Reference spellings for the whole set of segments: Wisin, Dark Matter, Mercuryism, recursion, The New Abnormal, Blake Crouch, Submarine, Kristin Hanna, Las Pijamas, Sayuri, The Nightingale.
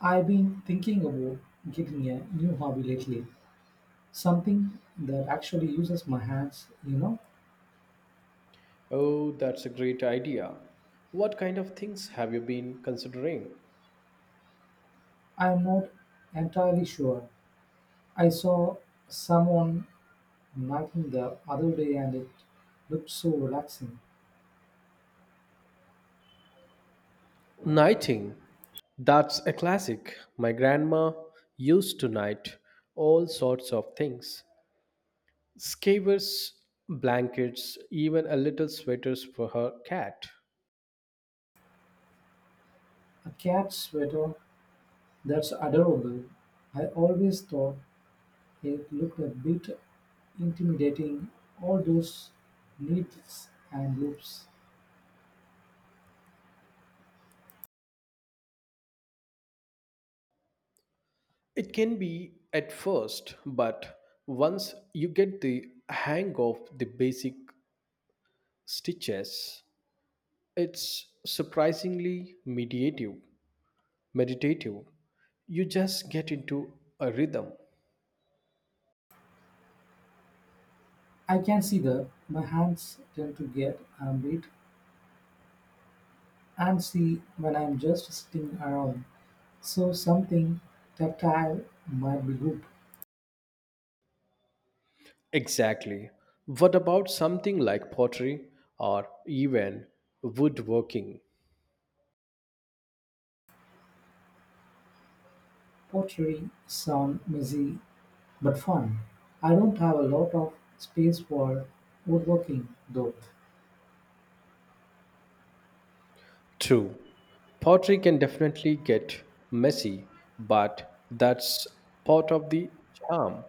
I've been thinking about getting a new hobby lately, something that actually uses my hands, you know. Oh, that's a great idea. What kind of things have you been considering? I'm not entirely sure. I saw someone knitting the other day and it looked so relaxing. Knighting. That's a classic. My grandma used to knight all sorts of things scarves, blankets, even a little sweaters for her cat. A cat sweater, that's adorable. I always thought it looked a bit intimidating, all those needles and loops. It can be at first, but once you get the hang of the basic stitches, it's surprisingly meditative. You just get into a rhythm. I can see that my hands tend to get a bit and see when I'm just sitting around. So something tactile might be good. Exactly. What about something like pottery or even woodworking? Pottery sound messy but fun. I don't have a lot of space for woodworking though. True. Pottery can definitely get messy, but that's part of the charm.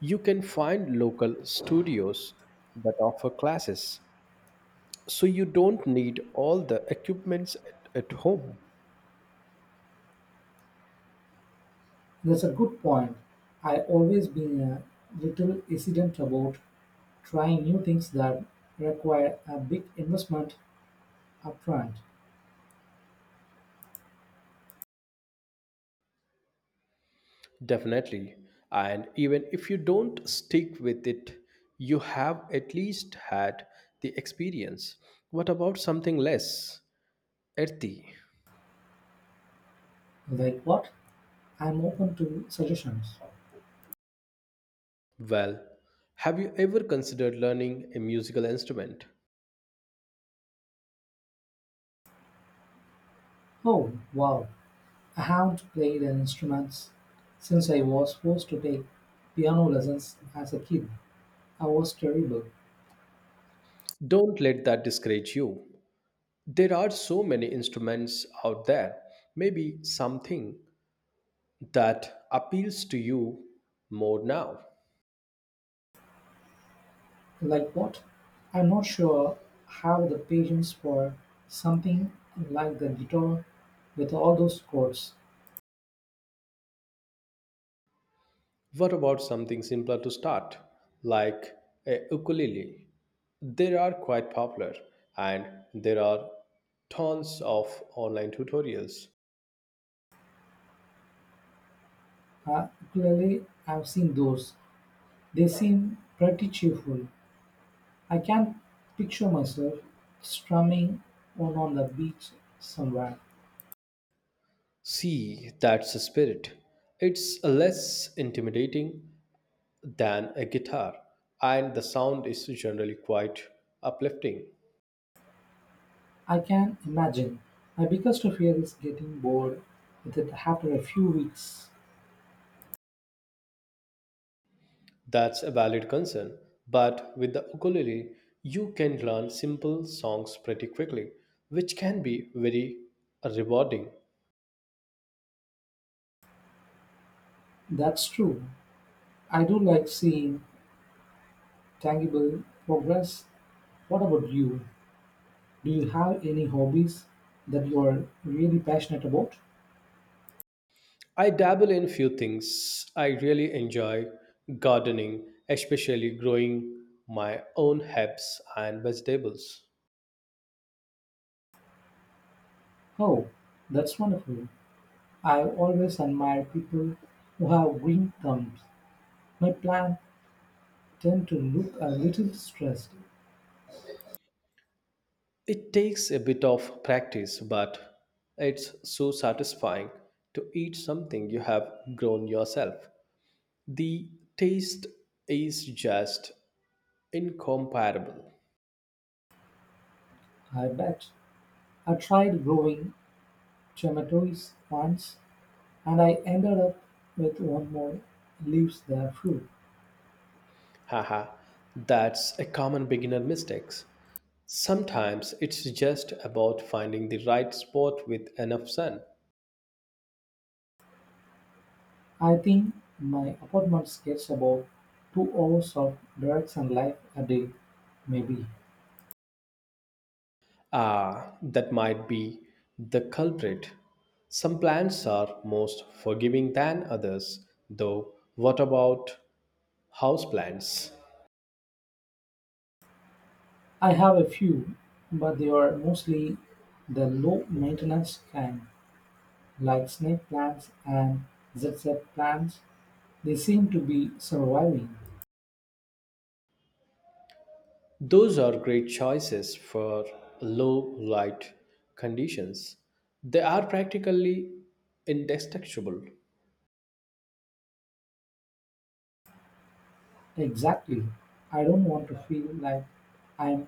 You can find local studios that offer classes, so you don't need all the equipments at home. That's a good point. I always been a little hesitant about trying new things that require a big investment upfront. Definitely. And even if you don't stick with it, you have at least had the experience. What about something less earthy? Like what? I'm open to suggestions. Well, have you ever considered learning a musical instrument? Oh wow, I haven't played an instrument since I was forced to take piano lessons as a kid. I was terrible. Don't let that discourage you. There are so many instruments out there. Maybe something that appeals to you more now. Like what? I'm not sure I have the patience for something like the guitar with all those chords. What about something simpler to start, like a ukulele? They are quite popular, and there are tons of online tutorials. Uh, Ukulele, I've seen those. They seem pretty cheerful. I can picture myself strumming one on the beach somewhere. See, that's the spirit. It's less intimidating than a guitar, and the sound is generally quite uplifting. I can imagine. My biggest fear is getting bored with it after a few weeks. That's a valid concern, but with the ukulele, you can learn simple songs pretty quickly, which can be very rewarding. That's true. I do like seeing tangible progress. What about you? Do you have any hobbies that you are really passionate about? I dabble in few things. I really enjoy gardening, especially growing my own herbs and vegetables. Oh, that's wonderful. I always admire people who have green thumbs. My plants tend to look a little stressed. It takes a bit of practice, but it's so satisfying to eat something you have grown yourself. The taste is just incomparable. I bet. I tried growing tomatoes once and I ended up with one more leaves there too. Haha, that's a common beginner mistake. Sometimes it's just about finding the right spot with enough sun. I think my apartment gets about 2 hours of direct sunlight a day, maybe. Ah, that might be the culprit. Some plants are most forgiving than others, though. What about houseplants? I have a few, but they are mostly the low maintenance kind, like snake plants and zigzag plants. They seem to be surviving. Those are great choices for low light conditions. They are practically indestructible. Exactly. I don't want to feel like I'm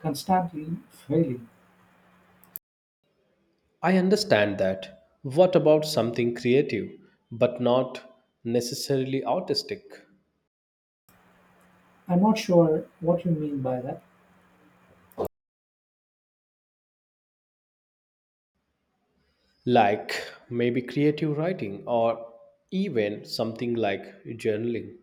constantly failing. I understand that. What about something creative, but not necessarily artistic? I'm not sure what you mean by that. Like maybe creative writing or even something like journaling.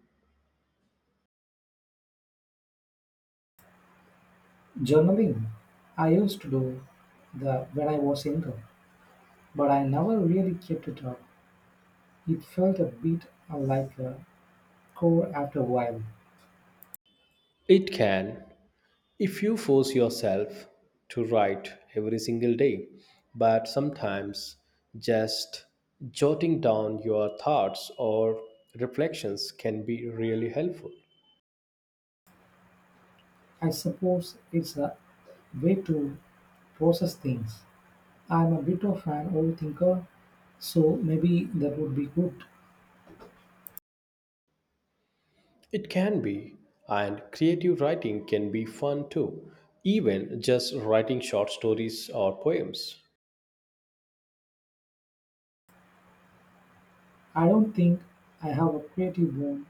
Journaling. I used to do that when I was younger, but I never really kept it up. It felt a bit like a chore after a while. It can, if you force yourself to write every single day, but sometimes just jotting down your thoughts or reflections can be really helpful. I suppose it's a way to process things. I'm a bit of an overthinker, so maybe that would be good. It can be, and creative writing can be fun too, even just writing short stories or poems. I don't think I have a creative bone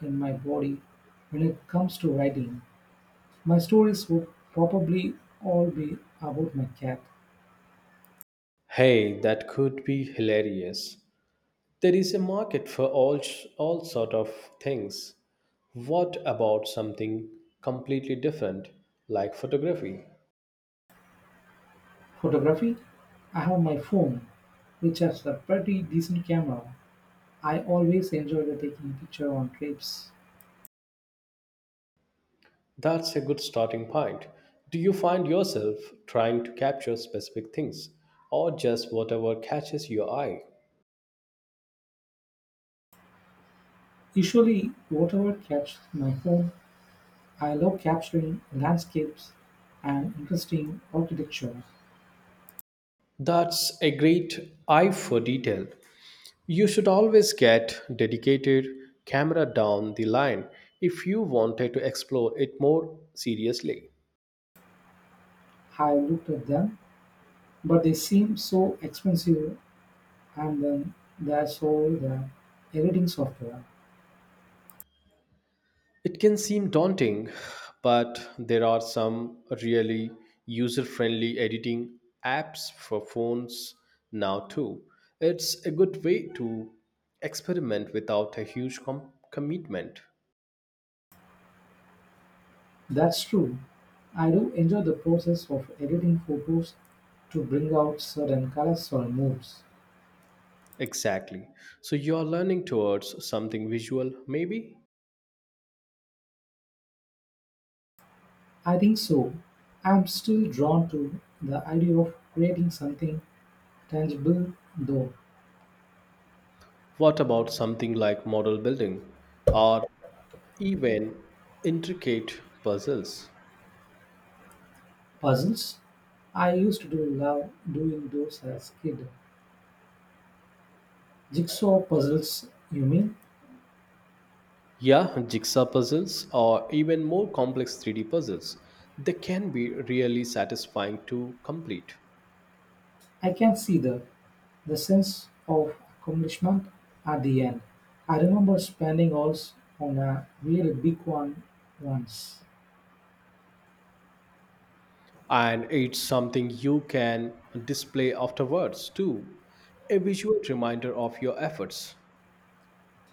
in my body when it comes to writing. My stories would probably all be about my cat. Hey, that could be hilarious. There is a market for all sort of things. What about something completely different like photography? Photography? I have my phone, which has a pretty decent camera. I always enjoy the taking picture on trips. That's a good starting point. Do you find yourself trying to capture specific things or just whatever catches your eye? Usually, whatever catches my phone, I love capturing landscapes and interesting architecture. That's a great eye for detail. You should always get dedicated camera down the line if you wanted to explore it more seriously. I looked at them, but they seem so expensive, and then there's all the editing software. It can seem daunting, but there are some really user friendly editing apps for phones now, too. It's a good way to experiment without a huge commitment. That's true. I do enjoy the process of editing photos to bring out certain colors or moods. Exactly. So you're learning towards something visual, maybe? I think so. I'm still drawn to the idea of creating something tangible, though. What about something like model building or even intricate puzzles? Puzzles? I used to do love doing those as a kid. Jigsaw puzzles, you mean? Yeah, jigsaw puzzles or even more complex 3D puzzles, they can be really satisfying to complete. I can see the sense of accomplishment at the end. I remember spending hours on a really big one once. And it's something you can display afterwards too, a visual reminder of your efforts.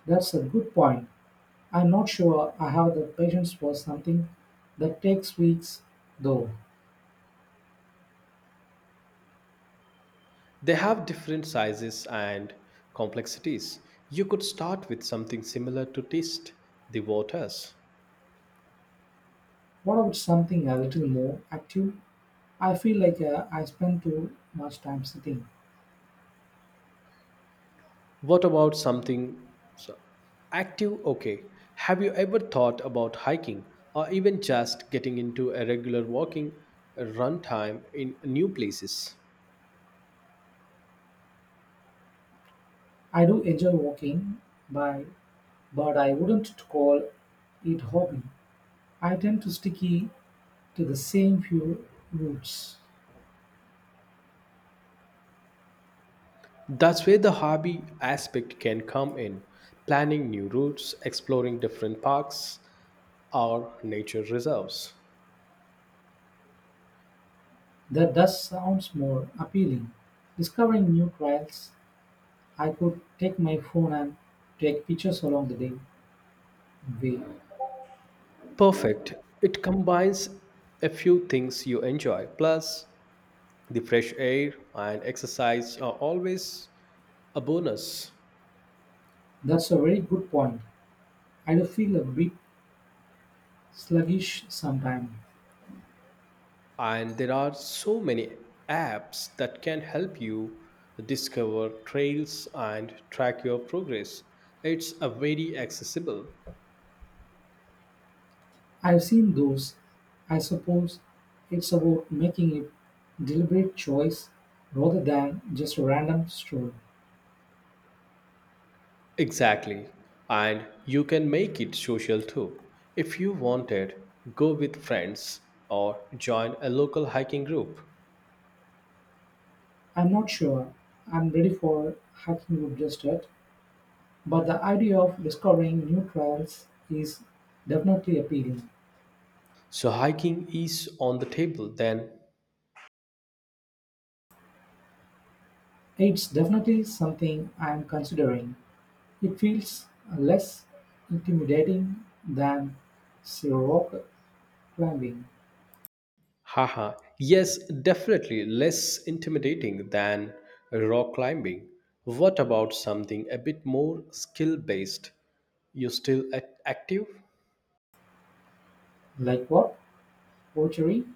That's a good point. I'm not sure I have the patience for something that takes weeks, though. They have different sizes and complexities. You could start with something similar to test the waters. What about something a little more active? I feel like I spend too much time sitting. What about something so- active? Okay. Have you ever thought about hiking or even just getting into a regular walking run time in new places? I do enjoy walking, by, but I wouldn't call it hobby. I tend to sticky to the same few routes. That's where the hobby aspect can come in. Planning new routes, exploring different parks or nature reserves. That does sounds more appealing. Discovering new trails, I could take my phone and take pictures along the day way. Perfect. It combines a few things you enjoy. Plus, the fresh air and exercise are always a bonus. That's a very good point. I do feel a bit sluggish sometimes. And there are so many apps that can help you discover trails and track your progress, it's a very accessible. I've seen those. I suppose it's about making a deliberate choice rather than just a random stroll. Exactly, and you can make it social too if you wanted go with friends or join a local hiking group. I'm not sure I'm ready for hiking group just yet, but the idea of discovering new trails is definitely appealing. So hiking is on the table then. It's definitely something I'm considering. It feels less intimidating than, say, rock climbing. Haha, yes, definitely less intimidating than rock climbing. What about something a bit more skill based? You still active? Like what? Poetry?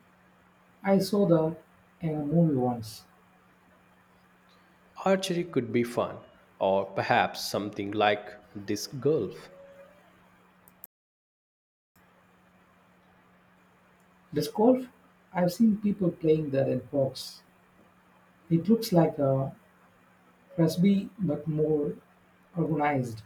I saw that in a movie once. Archery could be fun, or perhaps something like disc golf. Disc golf, I've seen people playing that in parks. It looks like a Frisbee but more organized.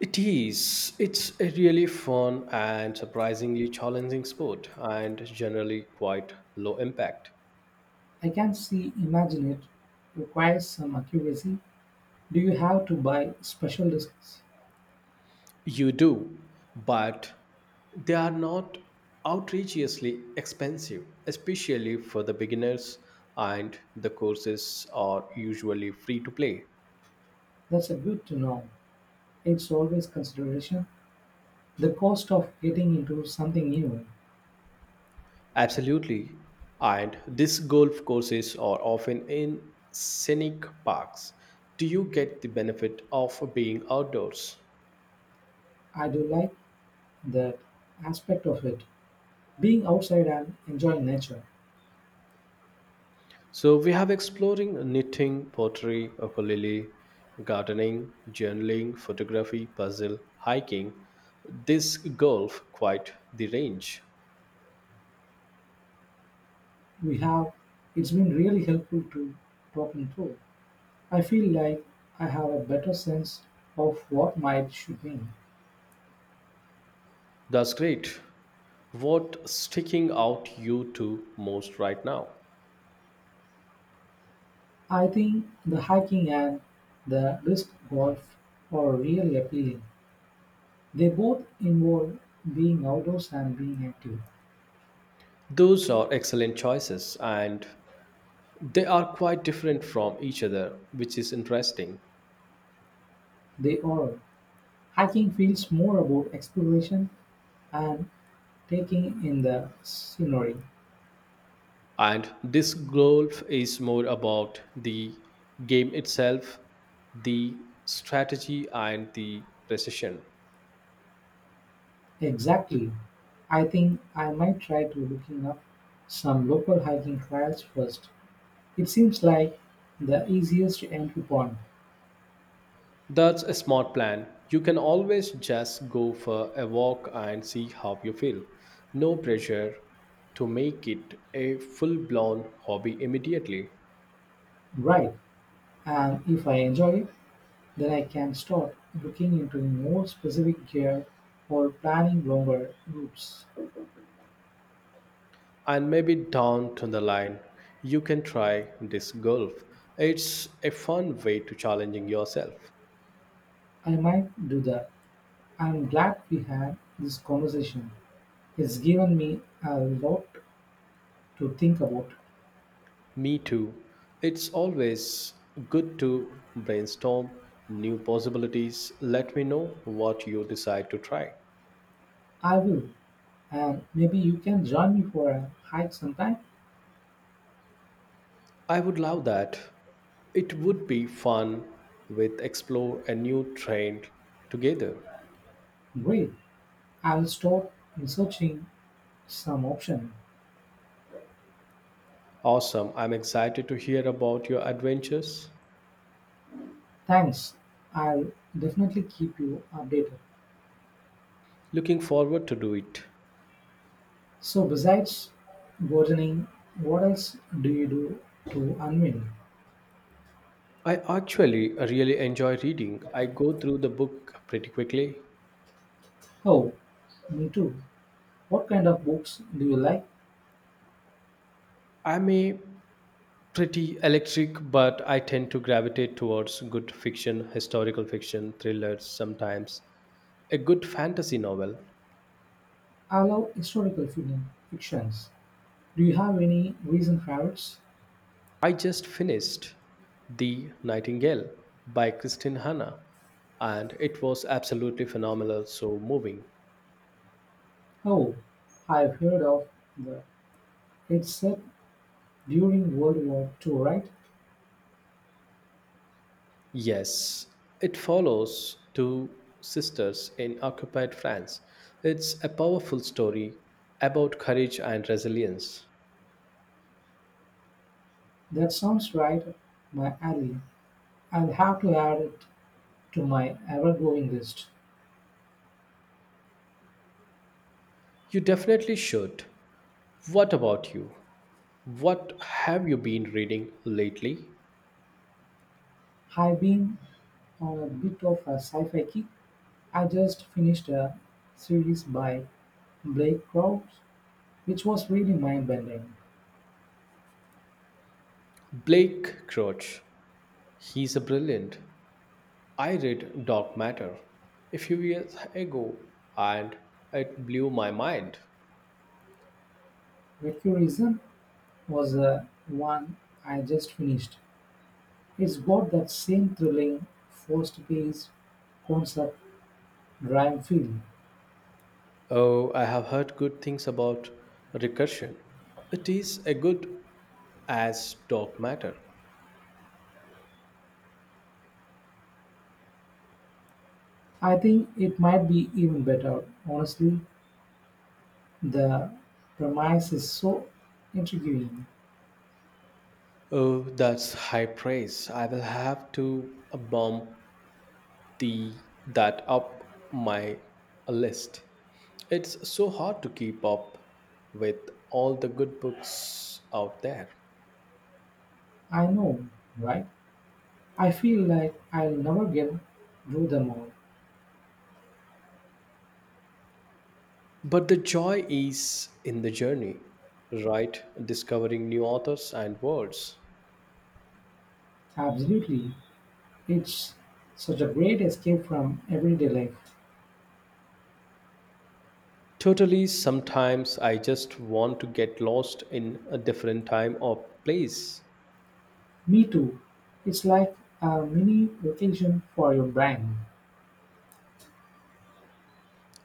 It is. It's a really fun and surprisingly challenging sport, and generally quite low impact. I can see imagine it requires some accuracy. Do you have to buy special discs? You do, but they are not outrageously expensive, especially for the beginners, and the courses are usually free to play. That's a good to know. It's always consideration. The cost of getting into something new. Absolutely. And these golf courses are often in scenic parks. Do you get the benefit of being outdoors? I do like that aspect of it. Being outside and enjoying nature. So we have exploring knitting, pottery, ukulele, gardening, journaling, photography, puzzle, hiking, disc golf, quite the range. We have It's been really helpful to talking through. I feel like I have a better sense of what might should win. That's great. What sticking out you to most right now? I think the hiking and the disc golf are really appealing. They both involve being outdoors and being active. Those are excellent choices and they are quite different from each other, which is interesting. They are. Hiking feels more about exploration and taking in the scenery. And this golf is more about the game itself, the strategy, and the precision. Exactly. I think I might try to looking up some local hiking trails first. It seems like the easiest entry point. That's a smart plan. You can always just go for a walk and see how you feel. No pressure to make it a full blown hobby immediately. Right. And if I enjoy it, then I can start looking into more specific gear or planning longer routes. And maybe down to the line, you can try this golf. It's a fun way to challenging yourself. I might do that. I'm glad we had this conversation. It's given me a lot to think about. Me too. It's always good to brainstorm new possibilities. Let me know what you decide to try. I will. And maybe you can join me for a hike sometime? I would love that. It would be fun with explore a new trend together. Great. I'll start researching some option. Awesome. I'm excited to hear about your adventures. Thanks. I'll definitely keep you updated. Looking forward to do it. So besides gardening, what else do you do to unwind? I actually really enjoy reading. I go through the book pretty quickly. Oh, me too. What kind of books do you like? I may pretty electric, but I tend to gravitate towards good fiction, historical fiction, thrillers, sometimes a good fantasy novel. I love historical fiction, fictions. Do you have any recent favorites? I just finished The Nightingale by Kristin Hanna, and it was absolutely phenomenal, so moving. Oh, I've heard of the. It's set during World War Two, right? Yes, it follows two sisters in occupied France. It's a powerful story about courage and resilience. That sounds right up my alley. I'll have to add it to my ever-growing list. You definitely should. What about you? What have you been reading lately? I've been on a bit of a sci-fi kick. I just finished a series by Blake Crouch, which was really mind-bending. Blake Crouch. He's a brilliant. I read Dark Matter a few years ago and it blew my mind. "Mercuryism" was the one I just finished; it's got that same thrilling, force-based, concept driven feel. Oh, I have heard good things about recursion. It is a good as dark matter. I think it might be even better, honestly. The premise is so intriguing. Oh, that's high praise. I will have to bump the that up my list. It's so hard to keep up with all the good books out there. I know, right? I feel like I'll never get through them all. But the joy is in the journey, right? Discovering new authors and words. Absolutely. It's such a great escape from everyday life. Totally, sometimes I just want to get lost in a different time or place. Me too. It's like a mini vacation for your brain.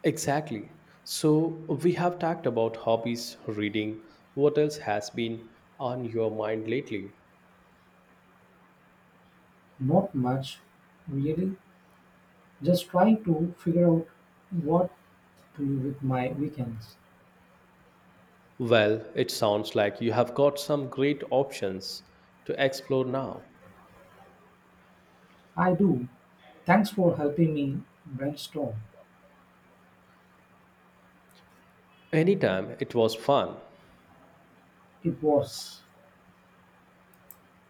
Exactly. So, we have talked about hobbies, reading. What else has been on your mind lately? Not much, really. Just trying to figure out what to do with my weekends. Well, it sounds like you have got some great options to explore now. I do. Thanks for helping me brainstorm. Anytime. It was fun. It was.